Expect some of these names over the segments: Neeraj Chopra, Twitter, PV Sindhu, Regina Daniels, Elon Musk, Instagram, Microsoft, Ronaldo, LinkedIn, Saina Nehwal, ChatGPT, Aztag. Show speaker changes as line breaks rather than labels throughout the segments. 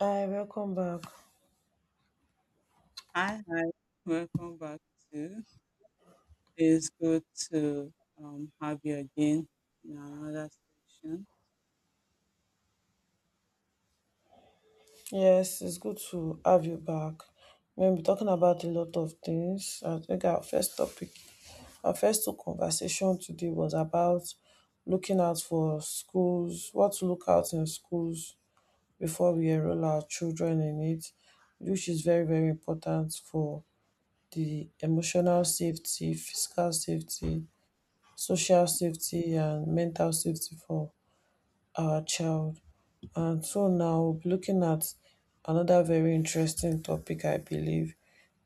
Hi, welcome back.
Hi, hi. Welcome back to. It's good to have you again in another section.
Yes, it's good to have you back. We'll be talking about a lot of things. I think our first topic, our first two conversation today was about looking out for schools, what to look out in schools before we enroll our children in it, which is very, very important for the emotional safety, physical safety, social safety, and mental safety for our child. And so now, we'll be looking at another very interesting topic, I believe,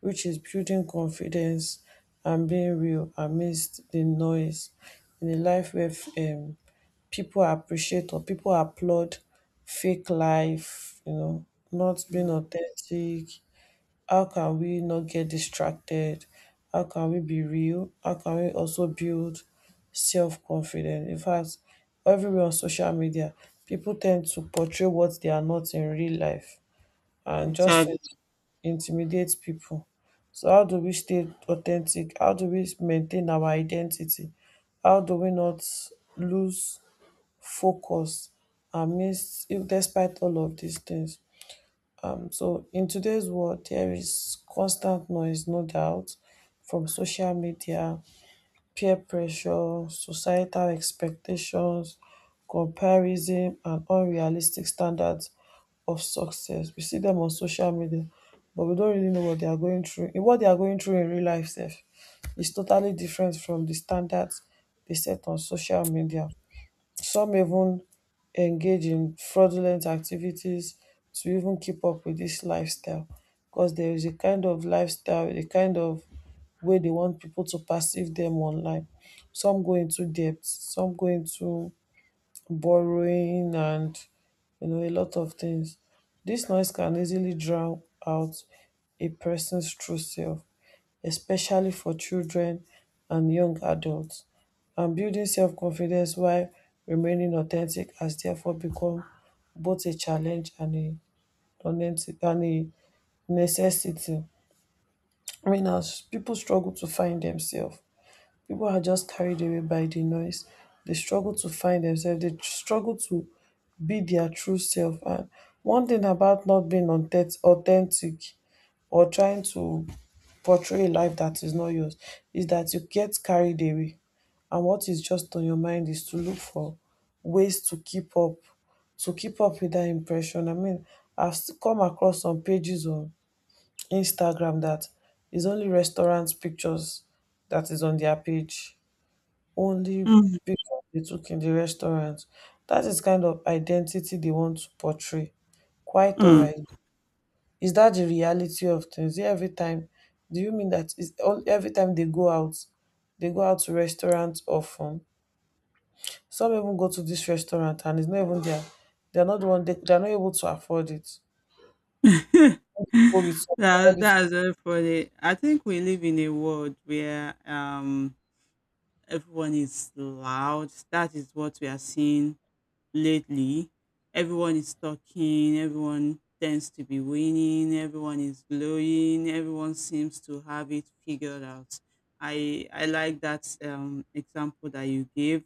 which is building confidence and being real amidst the noise in a life where people appreciate or people applaud fake life, not being
Mm,
authentic. How can we not get distracted? How can we be real? How can we also build self confidence? In fact, everywhere on social media, people tend to portray what they are not in real life and just
actually,
to intimidate people. So, how do we stay authentic? How do we maintain our identity? How do we not lose focus amidst, if despite all of these things? So in today's world, there is constant noise, no doubt, from social media, peer pressure, societal expectations, comparison, and unrealistic standards of success. We see them on social media, but we don't really know what they are going through. In what they are going through in real life, self, is totally different from the standards they set on social media. Some even engage in fraudulent activities to even keep up with this lifestyle, because there is a kind of lifestyle, a kind of way they want people to perceive them online. Some go into debt, some go into borrowing and you know a lot of things. This noise can easily drown out a person's true self, especially for children and young adults, and building self-confidence while remaining authentic has therefore become both a challenge and a necessity. I mean, as people struggle to find themselves, people are just carried away by the noise. They struggle to find themselves. They struggle to be their true self. And one thing about not being authentic or trying to portray a life that is not yours is that you get carried away. And what is just on your mind is to look for ways to keep up with that impression. I mean, I've come across some pages on Instagram that is only restaurant pictures that is on their page only
mm,
because they took in the restaurant. That is kind of identity they want to portray. Quite all
mm.
right. Is that the reality of things? Yeah, every time, do you mean that is all every time they go out to restaurants often. Some even go to this restaurant and it's not even there. They're not the one they're not able to afford it. But with
that
somebody to-
that's very funny. I think we live in a world where everyone is loud. That is what we are seeing lately. Everyone is talking, everyone tends to be winning, everyone is glowing, everyone seems to have it figured out. I like that example that you gave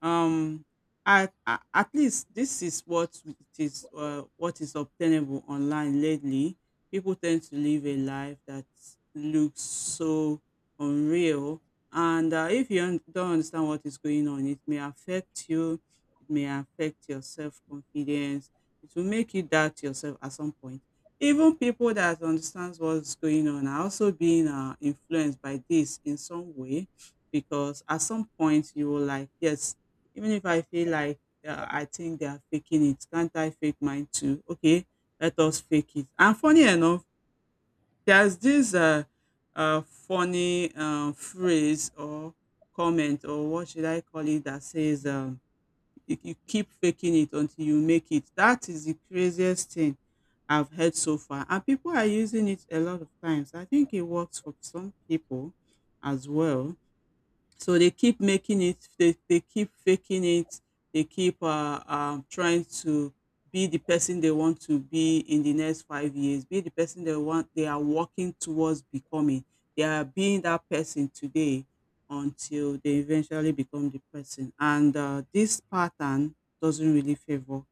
um at least this is what it is, what is obtainable online lately. People tend to live a life that looks so unreal. And if you un- don't understand what is going on, it may affect you. It may affect your self-confidence. It will make you doubt yourself at some point. Even people that understands what's going on are also being influenced by this in some way, because at some point you will like, yes, even if I feel like I think they are faking it, can't I fake mine too? Okay, let us fake it. And funny enough, there's this funny phrase or comment, or what should I call it, that says, you, you keep faking it until you make it. That is the craziest thing I've heard so far, and people are using it a lot of times. I think it works for some people as well. So they keep making it, they keep faking it, they keep trying to be the person they want to be in the next 5 years, be the person they want, they are working towards becoming. They are being that person today until they eventually become the person. And this pattern doesn't really favor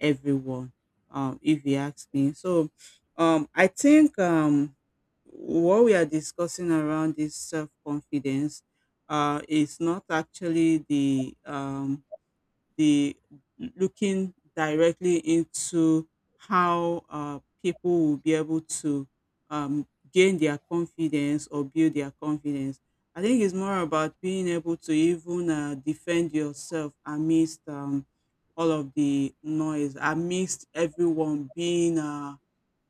everyone, if you ask me. So I think what we are discussing around this self confidence, it's not actually the looking directly into how people will be able to um, gain their confidence or build their confidence. I think it's more about being able to even defend yourself amidst all of the noise, amidst everyone being uh,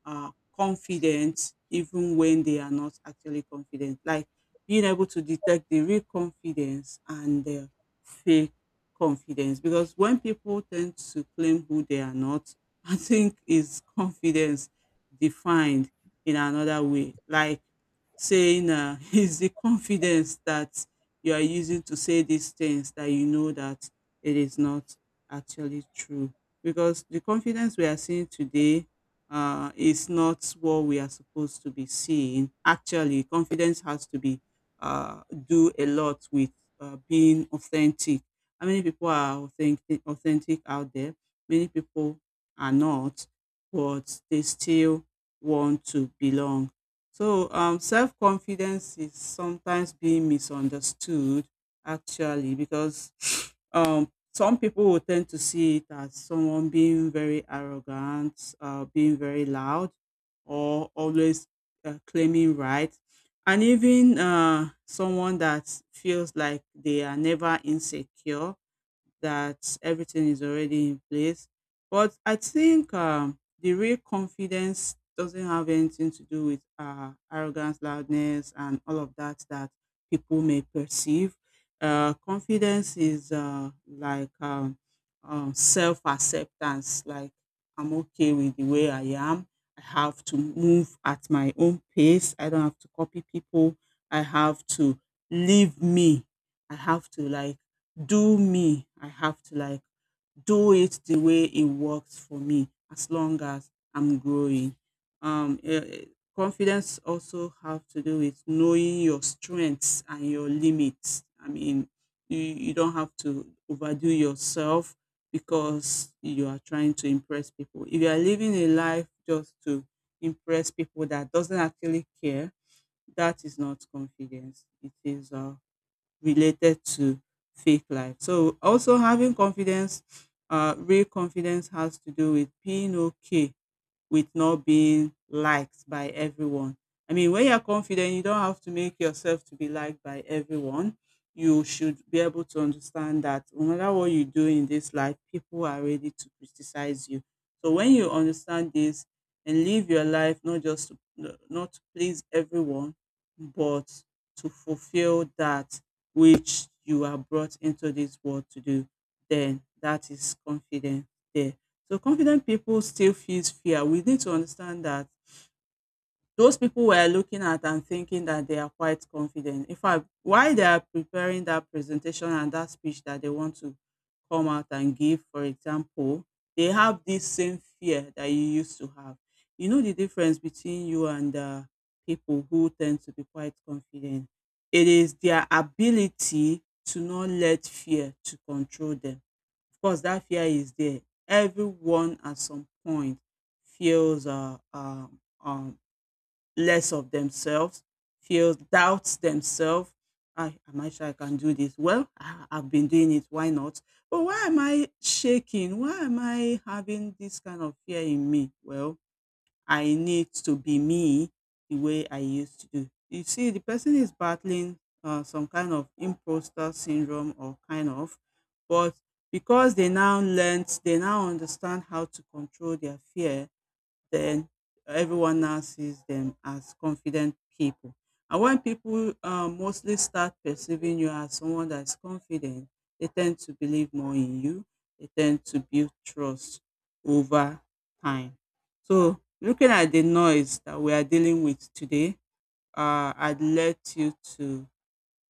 uh, confident even when they are not actually confident. Like being able to detect the real confidence and the fake confidence. Because when people tend to claim who they are not, I think is confidence defined in another way. Like saying, is the confidence that you are using to say these things that you know that it is not actually true. Because the confidence we are seeing today is not what we are supposed to be seeing. Actually, confidence has to be uh, do a lot with being authentic. How many people are authentic out there? Many people are not, but they still want to belong. So, self confidence is sometimes being misunderstood, actually, because um, some people will tend to see it as someone being very arrogant, being very loud, or always claiming right. And even someone that feels like they are never insecure, that everything is already in place. But I think the real confidence doesn't have anything to do with arrogance, loudness, and all of that that people may perceive. Confidence is self acceptance, like I'm okay with the way I am. I have to move at my own pace. I don't have to copy people. I have to leave me. I have to like do me. I have to like do it the way it works for me as long as I'm growing. Um, eh, eh, Confidence also have to do with knowing your strengths and your limits. I mean, you don't have to overdo yourself because you are trying to impress people. If you are living a life just to impress people that doesn't actually care, that is not confidence. It is related to fake life. So also having confidence, real confidence has to do with being okay with not being liked by everyone. I mean, when you're confident, you don't have to make yourself to be liked by everyone. You should be able to understand that no matter what you do in this life, people are ready to criticize you. So when you understand this and live your life not to please everyone, but to fulfill that which you are brought into this world to do, then that is confidence there. So confident people still feels fear. We need to understand that those people were looking at and thinking that they are quite confident. In fact, while they are preparing that presentation and that speech that they want to come out and give, for example, they have this same fear that you used to have. You know the difference between you and people who tend to be quite confident. It is their ability to not let fear to control them. Of course, that fear is there. Everyone at some point feels less of themselves, feels doubts themselves. Am I sure I can do this? Well, I've been doing it. Why not? But why am I shaking? Why am I having this kind of fear in me? Well, I need to be me the way I used to do. You see, the person is battling some kind of imposter syndrome or kind of, but because they now learnt, they now understand how to control their fear, then everyone now sees them as confident people. And when people mostly start perceiving you as someone that's confident, they tend to believe more in you. They tend to build trust over time. So, looking at the noise that we are dealing with today, I'd let you to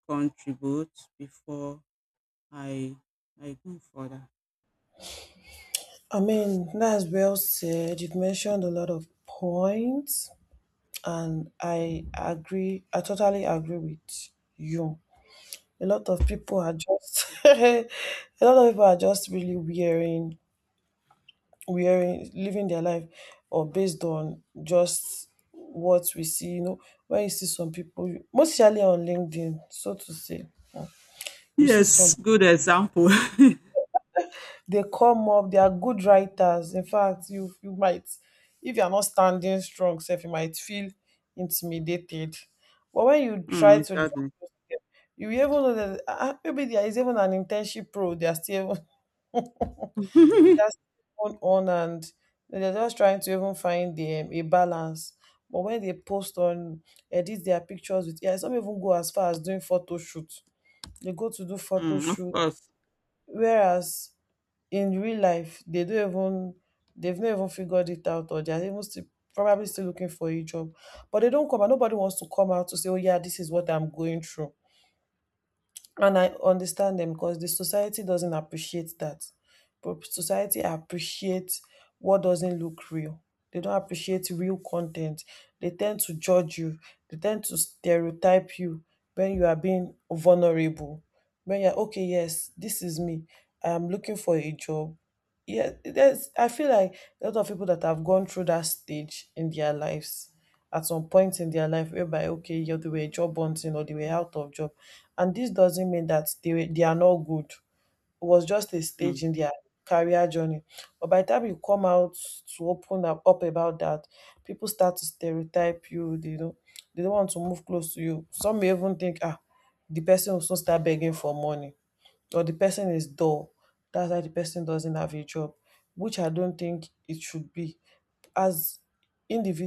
contribute before I I go further.
I mean, that's well said. You've mentioned a lot of points, and I agree. I totally agree with you. A lot of people are just a lot of people are just really wearing living their life or based on just what we see. You know, when you see some people, mostly on LinkedIn, so to say, uh, you see
Yes,
some.
good example.
They come up, they are good writers. In fact, you might, if you are not standing strong, self, you might feel intimidated. But when you try
Mm,
to drop
exactly.
your step, you even know that ah, ah, maybe there is even an internship pro. They are still they are still on and they're just trying to even find the, a balance. But when they post on, edit their pictures with, yeah, some even go as far as doing photo shoot. They go to do photo
Mm, of
shoot.
course.
Whereas in real life they don't even, they've not even figured it out or they're even still probably still looking for a job, but they don't come out. Nobody wants to come out to say, oh yeah, this is what I'm going through, and I understand them because the society doesn't appreciate that. But society appreciates what doesn't look real. They don't appreciate real content. They tend to judge you. They tend to stereotype you when you are being vulnerable, when you're okay, yes, this is me, I'm looking for a job. Yeah, there's I feel like a lot of people that have gone through that stage in their lives, at some point in their life, whereby okay, yeah, they were job hunting or they were out of job, and this doesn't mean that they are not good. It was just a stage
Mm.
in their career journey. But by the time you come out to open up about that, people start to stereotype you. They don't, they don't want to move close to you. Some may even think, ah, the person will soon start begging for money or the person is dull. That's why the person doesn't have a job, which I don't think it should be. As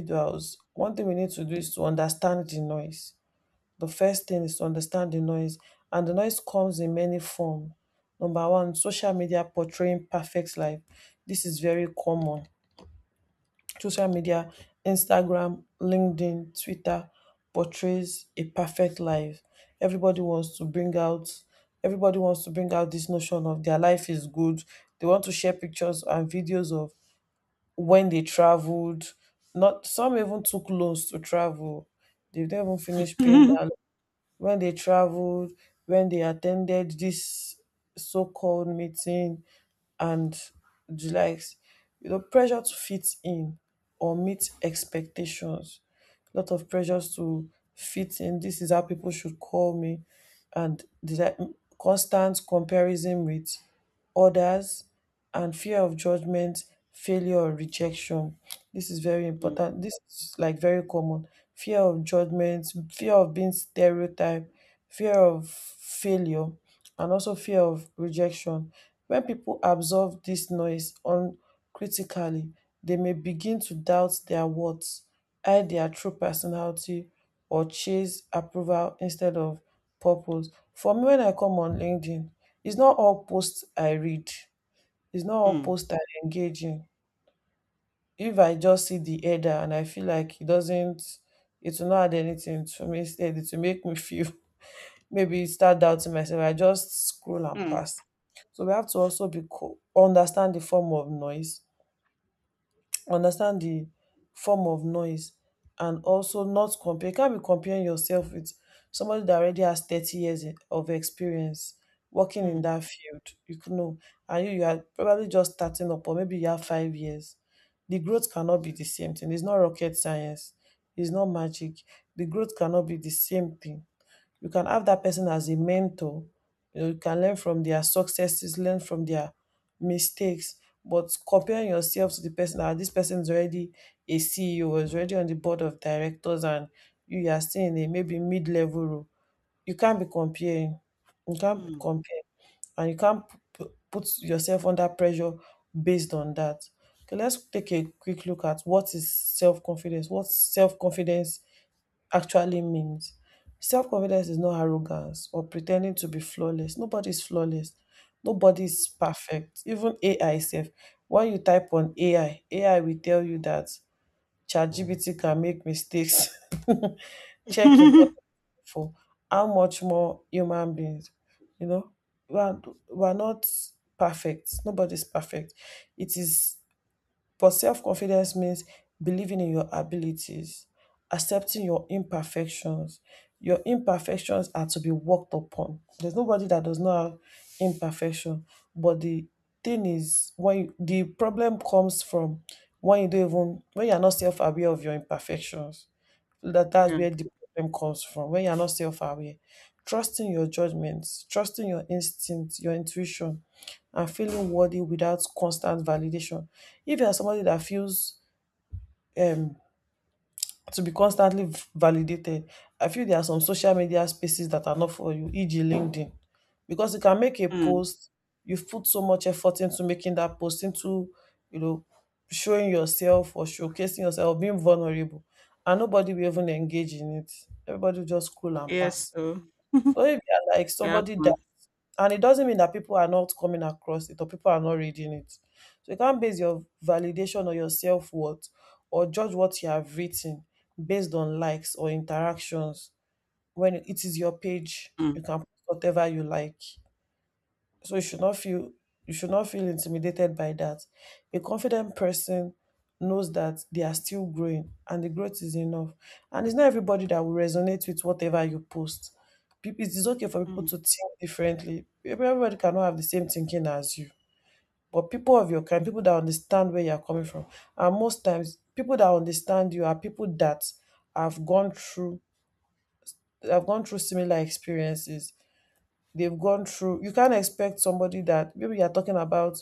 Mm.
one thing we need to do is to understand the noise. The first thing is to understand the noise, and the noise comes in many forms. Number one, social media portraying perfect life. This is very common. Social media, Instagram, LinkedIn, Twitter portrays a perfect life. Everybody wants to bring out everybody wants to bring out this notion of their life is good. They want to share pictures and videos of when they traveled. Not, some even took loans to travel. They don't even finish paying down when they traveled, when they attended this so-called meeting, and the likes. You know, pressure to fit in or meet expectations. A lot of pressures to fit in. This is how people should call me, and the like, constant comparison with others, and fear of judgment, failure, or rejection. This is very
Mm.
important. This is like very common. Fear of judgment, fear of being stereotyped, fear of failure and also fear of rejection. When people absorb this noise uncritically, they may begin to doubt their worth, hide their true personality, or chase approval instead of purpose. For me, when I come on LinkedIn, it's not all posts I read, it's not all
Mm.
posts I engage in. If I just see the header and I feel like it doesn't, it will not add anything to me, instead, it will make me feel maybe start doubting myself. I just scroll and
Mm.
pass. So we have to also understand the form of noise, understand the form of noise, and also not compare. You can't be comparing yourself with somebody that already has 30 years of experience working in
Mm.
that field. You could know, and you are probably just starting up, or maybe you have 5 years. The growth cannot be the same thing. It's not rocket science. It's not magic. The growth cannot be the same thing. You can have that person as a mentor. You know, you can learn from their successes, learn from their mistakes, but comparing yourself to the person, ah, this person is already a CEO, is already on the board of directors and you are still in a maybe mid-level role. You can't be comparing. you can't be
Mm.
comparing and you can't put yourself under pressure based on that. Okay, let's take a quick look at what is self-confidence, what self-confidence actually means. Self confidence is not arrogance or pretending to be flawless. Nobody's flawless. Nobody's perfect. Even AI self. When you type on AI, AI will tell you that ChatGPT can make mistakes. Check important for how much more human beings, you know, we are, we are not perfect. Nobody's perfect. It is, but self confidence means believing in your abilities, accepting your imperfections. Your imperfections are to be worked upon. There's nobody that does not have imperfection. But the thing is, when you, the problem comes from when you don't even, when you're not self aware of your imperfections. That's
Yeah.
where the problem comes from. When you're not self aware, trusting your judgments, trusting your instincts, your intuition and feeling worthy without constant validation. If you are somebody that feels um, to be constantly validated, I feel there are some social media spaces that are not for you, e.g., LinkedIn, because you can make a
Mm.
post. You've put so much effort into making that post, into, you know, showing yourself or showcasing yourself, being vulnerable, and nobody will even engage in it. Everybody will just scroll and
Yes,
pass.
so it
So if you are like somebody that,
happens.
and it doesn't mean that people are not coming across it or people are not reading it. So you can't base your validation or your self worth or judge what you have written based on likes or interactions when it is your page.
Mm.
You can post whatever you like. So you should not feel you should not feel intimidated by that. A confident person knows that they are still growing and the growth is enough. And it's not everybody that will resonate with whatever you post. People, it is okay for people
Mm.
to think differently. Everybody cannot have the same thinking as you. But people of your kind, people that understand where you are coming from, and most times people that understand you are people that have gone through that have gone through similar experiences they've gone through. You can't expect somebody that maybe you're talking about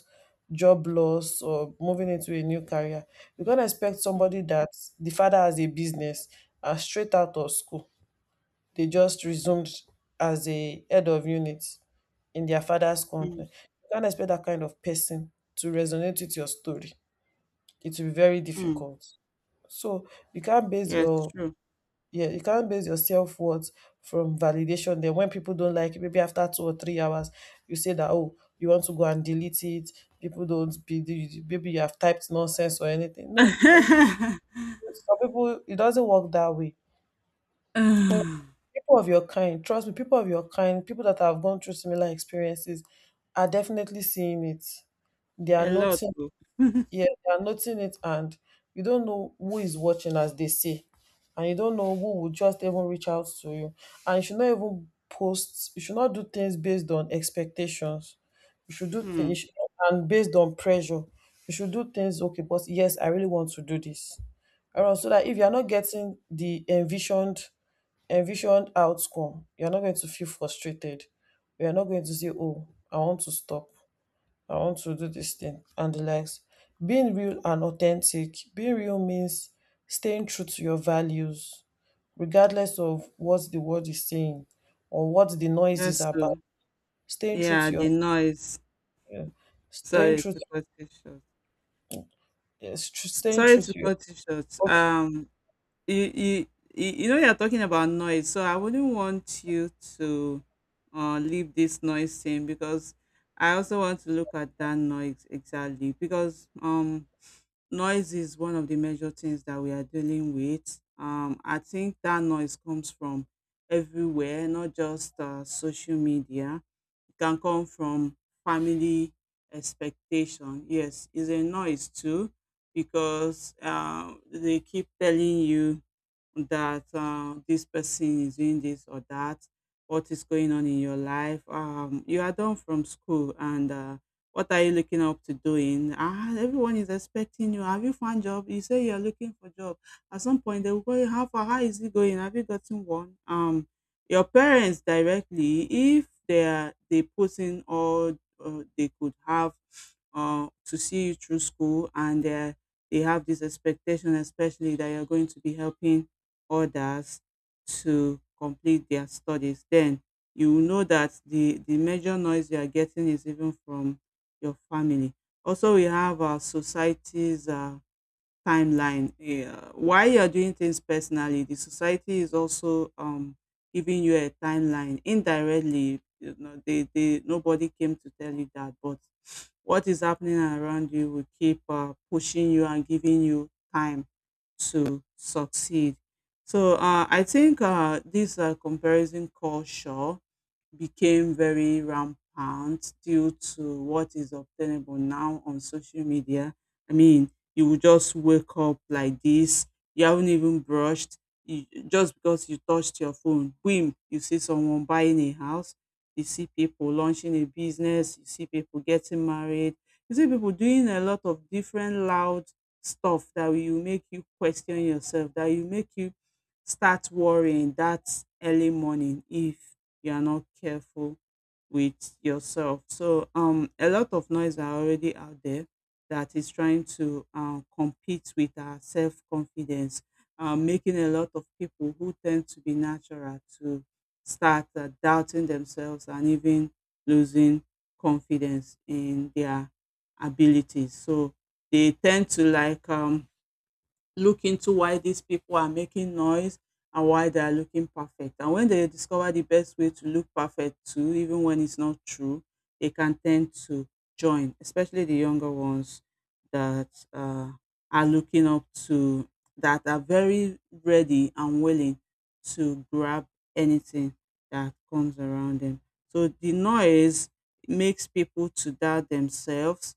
job loss or moving into a new career. You can't expect
Mm.
somebody that the father has a business and straight out of school, they just resumed as a head of unit in their father's company.
Mm.
You can't expect that kind of person to resonate with your story. It will be very
Mm.
difficult. So you can't base
Yes,
your
true.
yeah, you can't base your self worth from validation. Then when people don't like it, maybe after 2 or 3 hours, you say that oh, you want to go and delete it. People don't be the- maybe you have typed nonsense or anything. No, that's some people it doesn't work that way. And
Ah,
people of your kind, trust me, people of your kind, people that have gone through similar experiences are definitely seeing it. They are
a lot.
noting
Oh.
Yeah, they are noting it, and you don't know who is watching, as they say, and you don't know who will just even reach out to you. And you should not even post. You should not do things based on expectations. You should do
Mm.
things and based on pressure. You should do things okay, but yes, I really want to do this. Around so that if you are not getting the envisioned outcome, you are not going to feel frustrated. You are not going to say, "Oh, I want to stop." I want to do this thing and the likes. Being real and authentic. Being real means staying true to your values, regardless of what the world is saying or what the noise is
Yes,
about.
so
Staying true
yeah,
to your,
the noise.
Yeah, staying
Sorry
true,
to cut it short.
yes, staying
Sorry
true
to
to your.
cut it short.
Okay.
You you know you're talking about noise, so I wouldn't want you to leave this noise thing, because I also want to look at that noise exactly. Because noise is one of the major things that we are dealing with. I think that noise comes from everywhere, not just social media. It can come from family expectation. Yes, is a noise too, because they keep telling you that this person is doing this or that, what is going on in your life. You are done from school, and what are you looking up to doing? Ah, everyone is expecting you. Have you found job? You say you are looking for job. At some point, they will go, how far? How is it going? Have you gotten one? Your parents directly, if they are they put in all they could have to see you through school, and they have this expectation, especially that you're going to be helping others to complete their studies. Then you will know that the major noise you are getting is even from your family. Also, we have our society's timeline. Yeah. While you're doing things personally, the society is also giving you a timeline indirectly. You know, they nobody came to tell you that, but what is happening around you will keep pushing you and giving you time to succeed. So I think this comparison culture became very rampant due to what is obtainable now on social media. I mean, you will just wake up like this. You haven't even brushed. Just because you touched your phone, boom, you see someone buying a house. You see people launching a business. You see people getting married. You see people doing a lot of different loud stuff that will make you question yourself, that will make you start worrying that early morning if you are not careful with yourself. So a lot of noise are already out there that is trying to compete with our self confidence, making a lot of people who tend to be natural to start doubting themselves and even losing confidence in their abilities. So they tend to like look into why these people are making noise and why they are looking perfect. And when they discover the best way to look perfect too, even when it's not true, they can tend to join, especially the younger ones that are looking up to, that are very ready and willing to grab anything that comes around them. So the noise makes people to doubt themselves.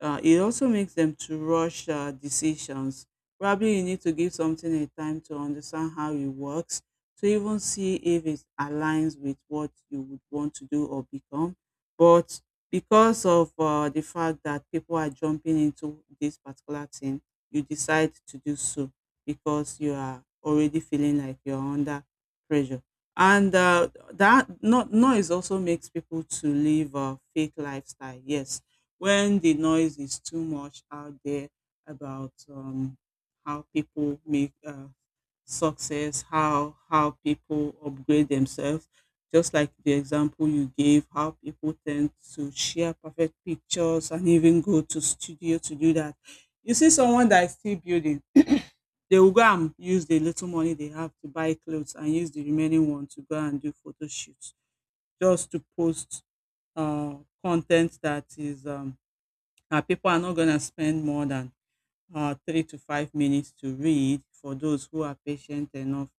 It also makes them to rush decisions. Probably you need to give something a time to understand how it works, to even see if it aligns with what you would want to do or become. But because of the fact that people are jumping into this particular thing, you decide to do so because you are already feeling like you're under pressure. And that no- noise also makes people to live a fake lifestyle. Yes, when the noise is too much out there about how people make success, how people upgrade themselves. Just like the example you gave, how people tend to share perfect pictures and even go to studio to do that. You see someone that is still building, they will go and use the little money they have to buy clothes and use the remaining one to go and do photo shoots just to post uh, content that is that people are not gonna spend more than 3 to 5 minutes to read, for those who are patient enough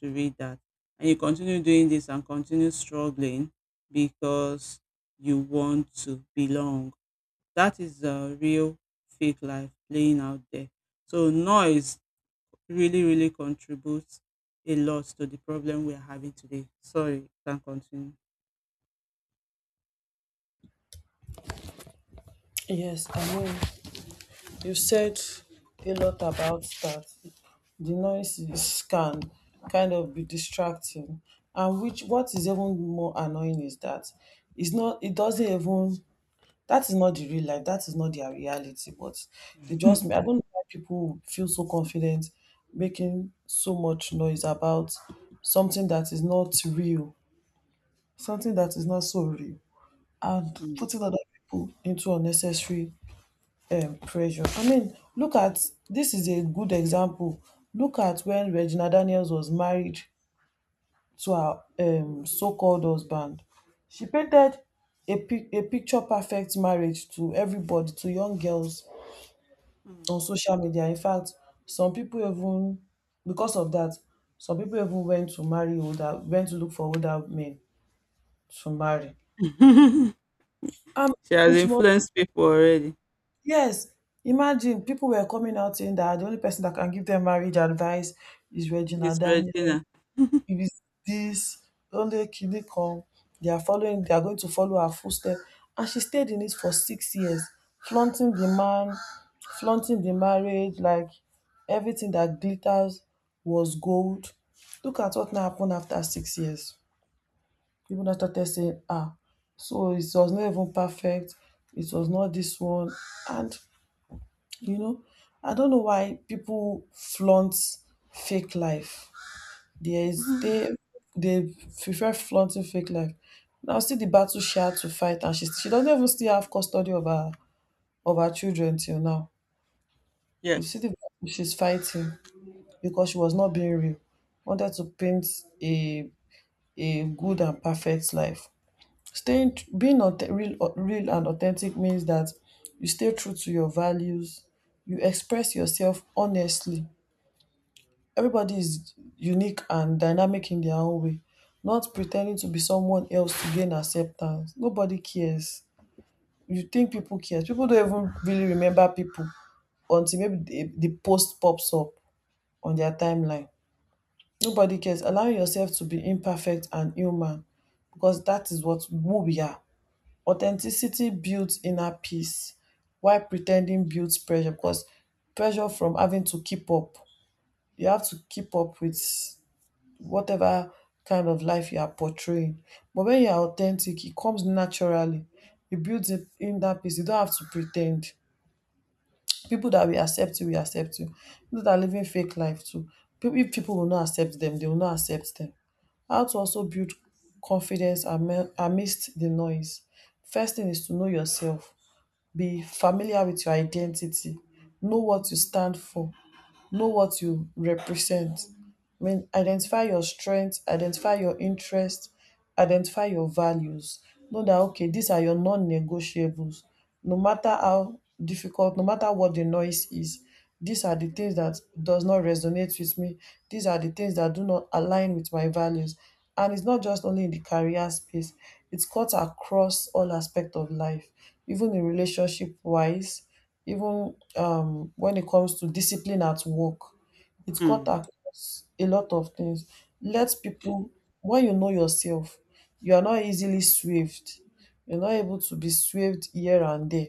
to read that. And you continue doing this and continue struggling because you want to belong. That is the real fake life playing out there. So, noise really, really contributes a lot to the problem we are having today. Sorry, you can continue.
Yes, you said a lot about that. The noise is can kind of be distracting, and which what is even more annoying is that it's not. It doesn't even that is not the real life. That is not their reality. But I don't know why people feel so confident making so much noise about something that is not real, something that is not so real, and
Mm.
putting other people into unnecessary pressure. I mean, look at this is a good example. Look at when Regina Daniels was married to her so-called husband. She painted a picture perfect marriage to everybody, to young girls
Mm.
on social media. In fact, some people even because of that, some people even went to look for older men to marry. Um,
She has
which was
influenced people already.
yes. Imagine people were coming out saying that the only person that can give them marriage advice is Regina
It's
Daniel.
Regina.
You be this Onekene. They are going to follow her footstep. And she stayed in it for 6 years, flaunting the man, flaunting the marriage, like everything that glitters was gold. Look at what now happened after 6 years. People now started saying, ah, so it was not even perfect, it was not this one. And you know, I don't know why people flaunt fake life. There is
Mhm.
they prefer flaunting fake life. Now see the battle she had to fight and she doesn't even still have custody of her children till now. You see the
Yes.
battle she's fighting because she was not being real. Wanted to paint a a good and perfect life. Staying tr- being authe- real real and authentic means that you stay true to your values, you express yourself honestly. Everybody is unique and dynamic in their own way, not pretending to be someone else to gain acceptance. Nobody cares. You think people care. People don't even really remember people until maybe the post pops up on their timeline. Nobody cares. Allow yourself to be imperfect and human because that is what who we are. Authenticity builds inner peace while pretending builds pressure because pressure from having to keep up. You have to keep up with whatever kind of life you are portraying. But when you are authentic, it comes naturally. You build it in that peace. You don't have to pretend. People that will accept you will accept you. People that are living fake life too. People, if people will not accept them, they will not accept them. How to also build confidence amidst the noise. First thing is to know yourself. Be familiar with your identity. Know what you stand for. Know what you represent. I mean, identify your strengths, identify your interests, identify your values. Know that, okay, these are your non negotiables. No matter how difficult, no matter what the noise is, these are the things that does not resonate with me. These are the things that do not align with my values. And it's not just only in the career space, it's cuts across all aspects of life, even in relationship wise, even when it comes to discipline at work, it cut
Mm.
across a lot of things. Let people, when you know yourself, you are not easily swayed, you're not able to be swayed here and there.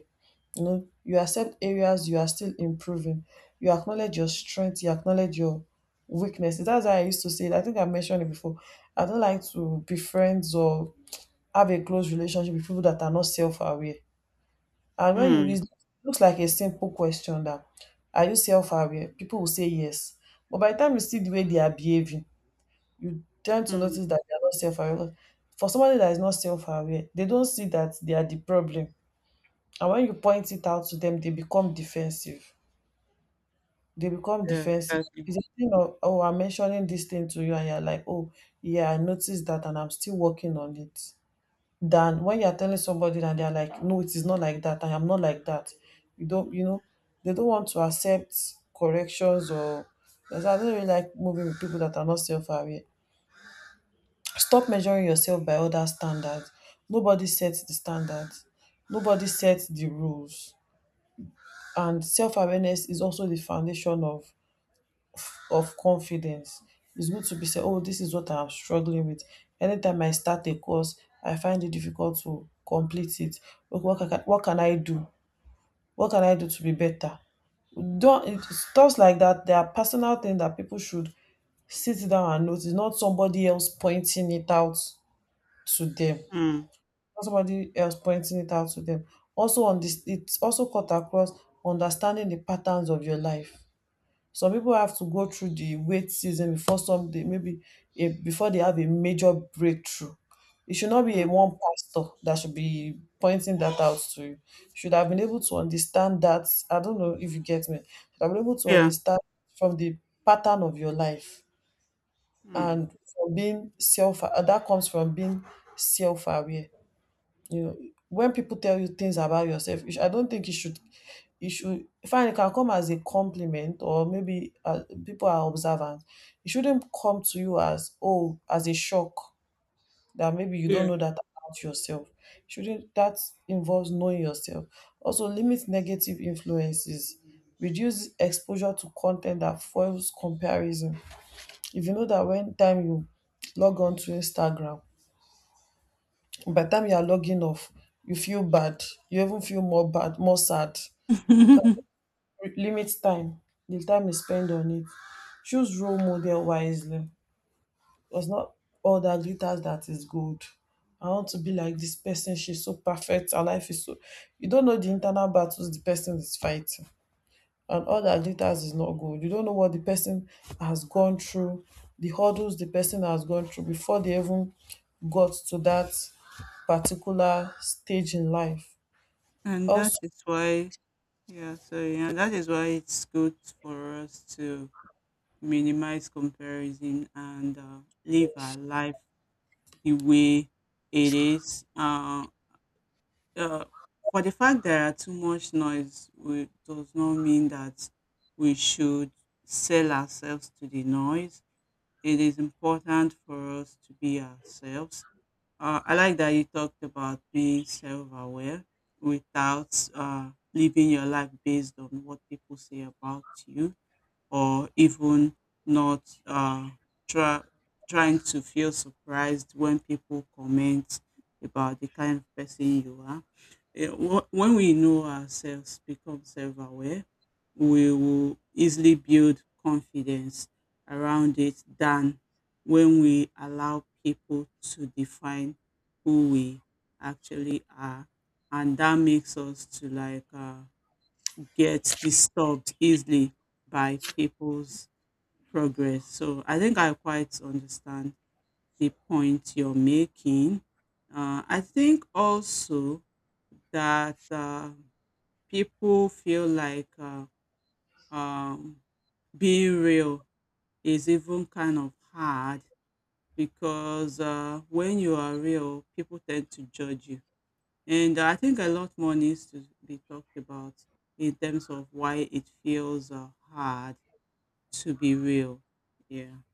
You know, you accept areas you are still improving, you acknowledge your strength, you acknowledge your weaknesses. That's why I used to say it. I think I mentioned it before, I don't like to be friends or have a close relationship with people that are not self-aware. And when you read,
Mm.
it looks like a simple question that are you self-aware? People will say yes. But by the time you see the way they are behaving, you tend to
Mm,
notice that they are not self-aware. For somebody that is not self-aware, they don't see that they are the problem. And when you point it out to them, they become defensive. They become
yeah,
defensive.
exactly.
It's a thing of, oh, I'm mentioning this thing to you, and you're like, oh, yeah, I noticed that, and I'm still working on it, than when you're telling somebody and they're like, no, it is not like that, I am not like that. You know, they don't want to accept corrections or because I don't really like moving with people that are not self aware. Stop measuring yourself by other standards. Nobody sets the standards, nobody sets the rules. And self awareness is also the foundation of confidence. It's good to be said. Oh, this is what I'm struggling with. Anytime I start a course, I find it difficult to complete it. Okay, what can I do? What can I do to be better? Don't it's stuff like that. There are personal things that people should sit down and notice, not somebody else pointing it out to them.
Mm,
Not somebody else pointing it out to them. Also on this, it's also cut across understanding the patterns of your life. Some people have to go through the wait season before some they maybe a, before they have a major breakthrough. It should not be a
mm,
one pastor that should be pointing that out to you. Should have been able to understand that. I don't know if you get me. Should have been able to
yeah,
understand from the pattern of your life
mm,
and from being self. That comes from being self-aware. You know, when people tell you things about yourself you sh- I don't think you should fine, it can come as a compliment or maybe people are observant. It shouldn't come to you as a shock that maybe you don't
yeah.
know that about yourself. Shouldn't that involves knowing yourself. Also limit negative influences, reduce exposure to content that fuels comparison. If you know that when time you log on to Instagram, by the time you are logging off you feel bad, you even feel more sad, you can limit time, the time you spend on it. Choose role model wisely. It's not all that glitters that is gold. I want to be like this person, she's so perfect, her life is so, you don't know the internal battles the person is fighting. And all that glitters is not gold. You don't know what the person has gone through, the hurdles the person has gone through before they even got to that particular stage in life.
And that
Also,
is why, yeah, so yeah, that is why it's good for us to minimize comparison and live our life the way it is. Uh, for the fact there are too much noise, does not mean that we should sell ourselves to the noise. It is important for us to be ourselves. I like that you talked about being self-aware without living your life based on what people say about you, or even not try, trying to feel surprised when people comment about the kind of person you are. When we know ourselves, become self aware, we will easily build confidence around it than when we allow people to define who we actually are. And that makes us to like get disturbed easily by people's progress. So I think I quite understand the point you're making. I think also that people feel like um, being real is even kind of hard, because when you are real, people tend to judge you. And I think a lot more needs to be talked about in terms of why it feels hard to be real. Yeah.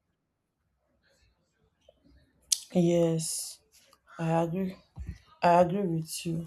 yes, I agree. I agree with you.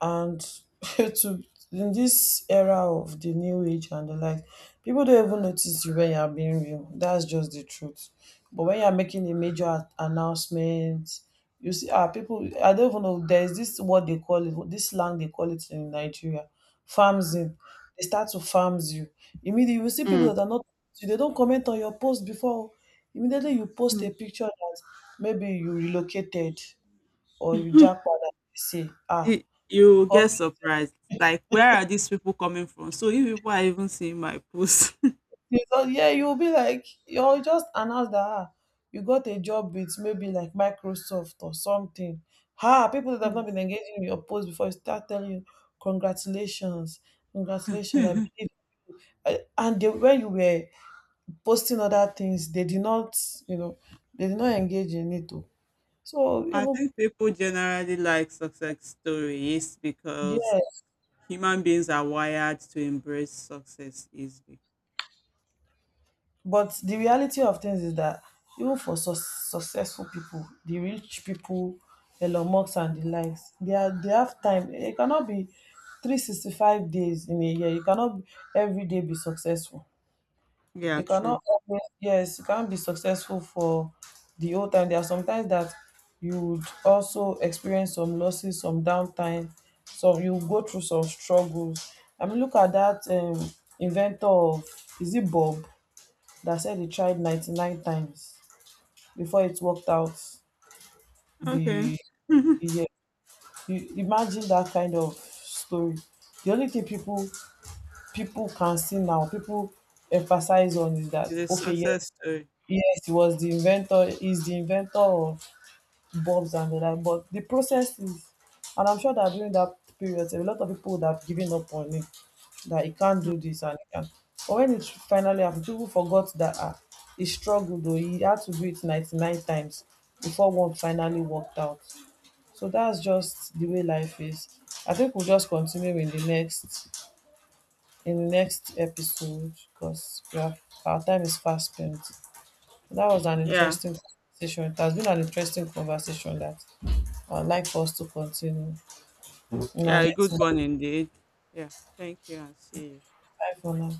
And to in this era of the new age and the like, people don't even notice you when you're being real. That's just the truth. But when you're making a major announcement, you see, ah, people I don't even know there's this, what they call it, this slang they call it in Nigeria, farms in they start to farms you. Immediately you see people
Mm.
that are not, they don't comment on your post before, immediately you post a
Mm.
picture that maybe you relocated or you jackpot and they say ah.
Y- You get surprised. Like, where are these people coming from? So you people are even seeing my post.
Yeah, you'll be like, you'll just announce that ah, you got a job with maybe like Microsoft or something. Ha, people that have not
Mm.
been engaging in your post before start telling you, congratulations, congratulations, I believe. And they, when you were posting other things, they did not, you know, they did not engage in it. Oh. So
I
even,
think people generally like success stories because
yeah,
human beings are wired to embrace success easily.
but the reality of things is that even for successful people, the rich people, Elon Musk and the likes, they have time. It cannot be 365 days in a year. You cannot be- every day be successful.
Yeah,
You cannot
true.
always, yes, you can't be successful for the whole time. There are sometimes that you would also experience some losses, some downtime, some you go through some struggles. I mean, look at that inventor of, is it Bob? That said he tried 99 times before it worked out
Okay.
the yeah, you imagine that kind of story. The only thing people can see now, people emphasize on is that
It's a
okay,
success story.
yes, he was the inventor, he's the inventor of bulbs and the like. But the process is, and I'm sure that during that period, a lot of people would have given up on it, that he can't
Mm.
do this and he can. But when it finally happened, people forgot that ah, he struggled though. He had to do it 99 times before one finally worked out. So that's just the way life is. I think we'll just continue in the next episode because our time is fast spent. That was an
Yeah.
interesting conversation. It has been an interesting conversation that I would like for us to continue in our
Yeah, a
next
good
one.
one indeed. Yeah. Thank you and see you.
Bye for now.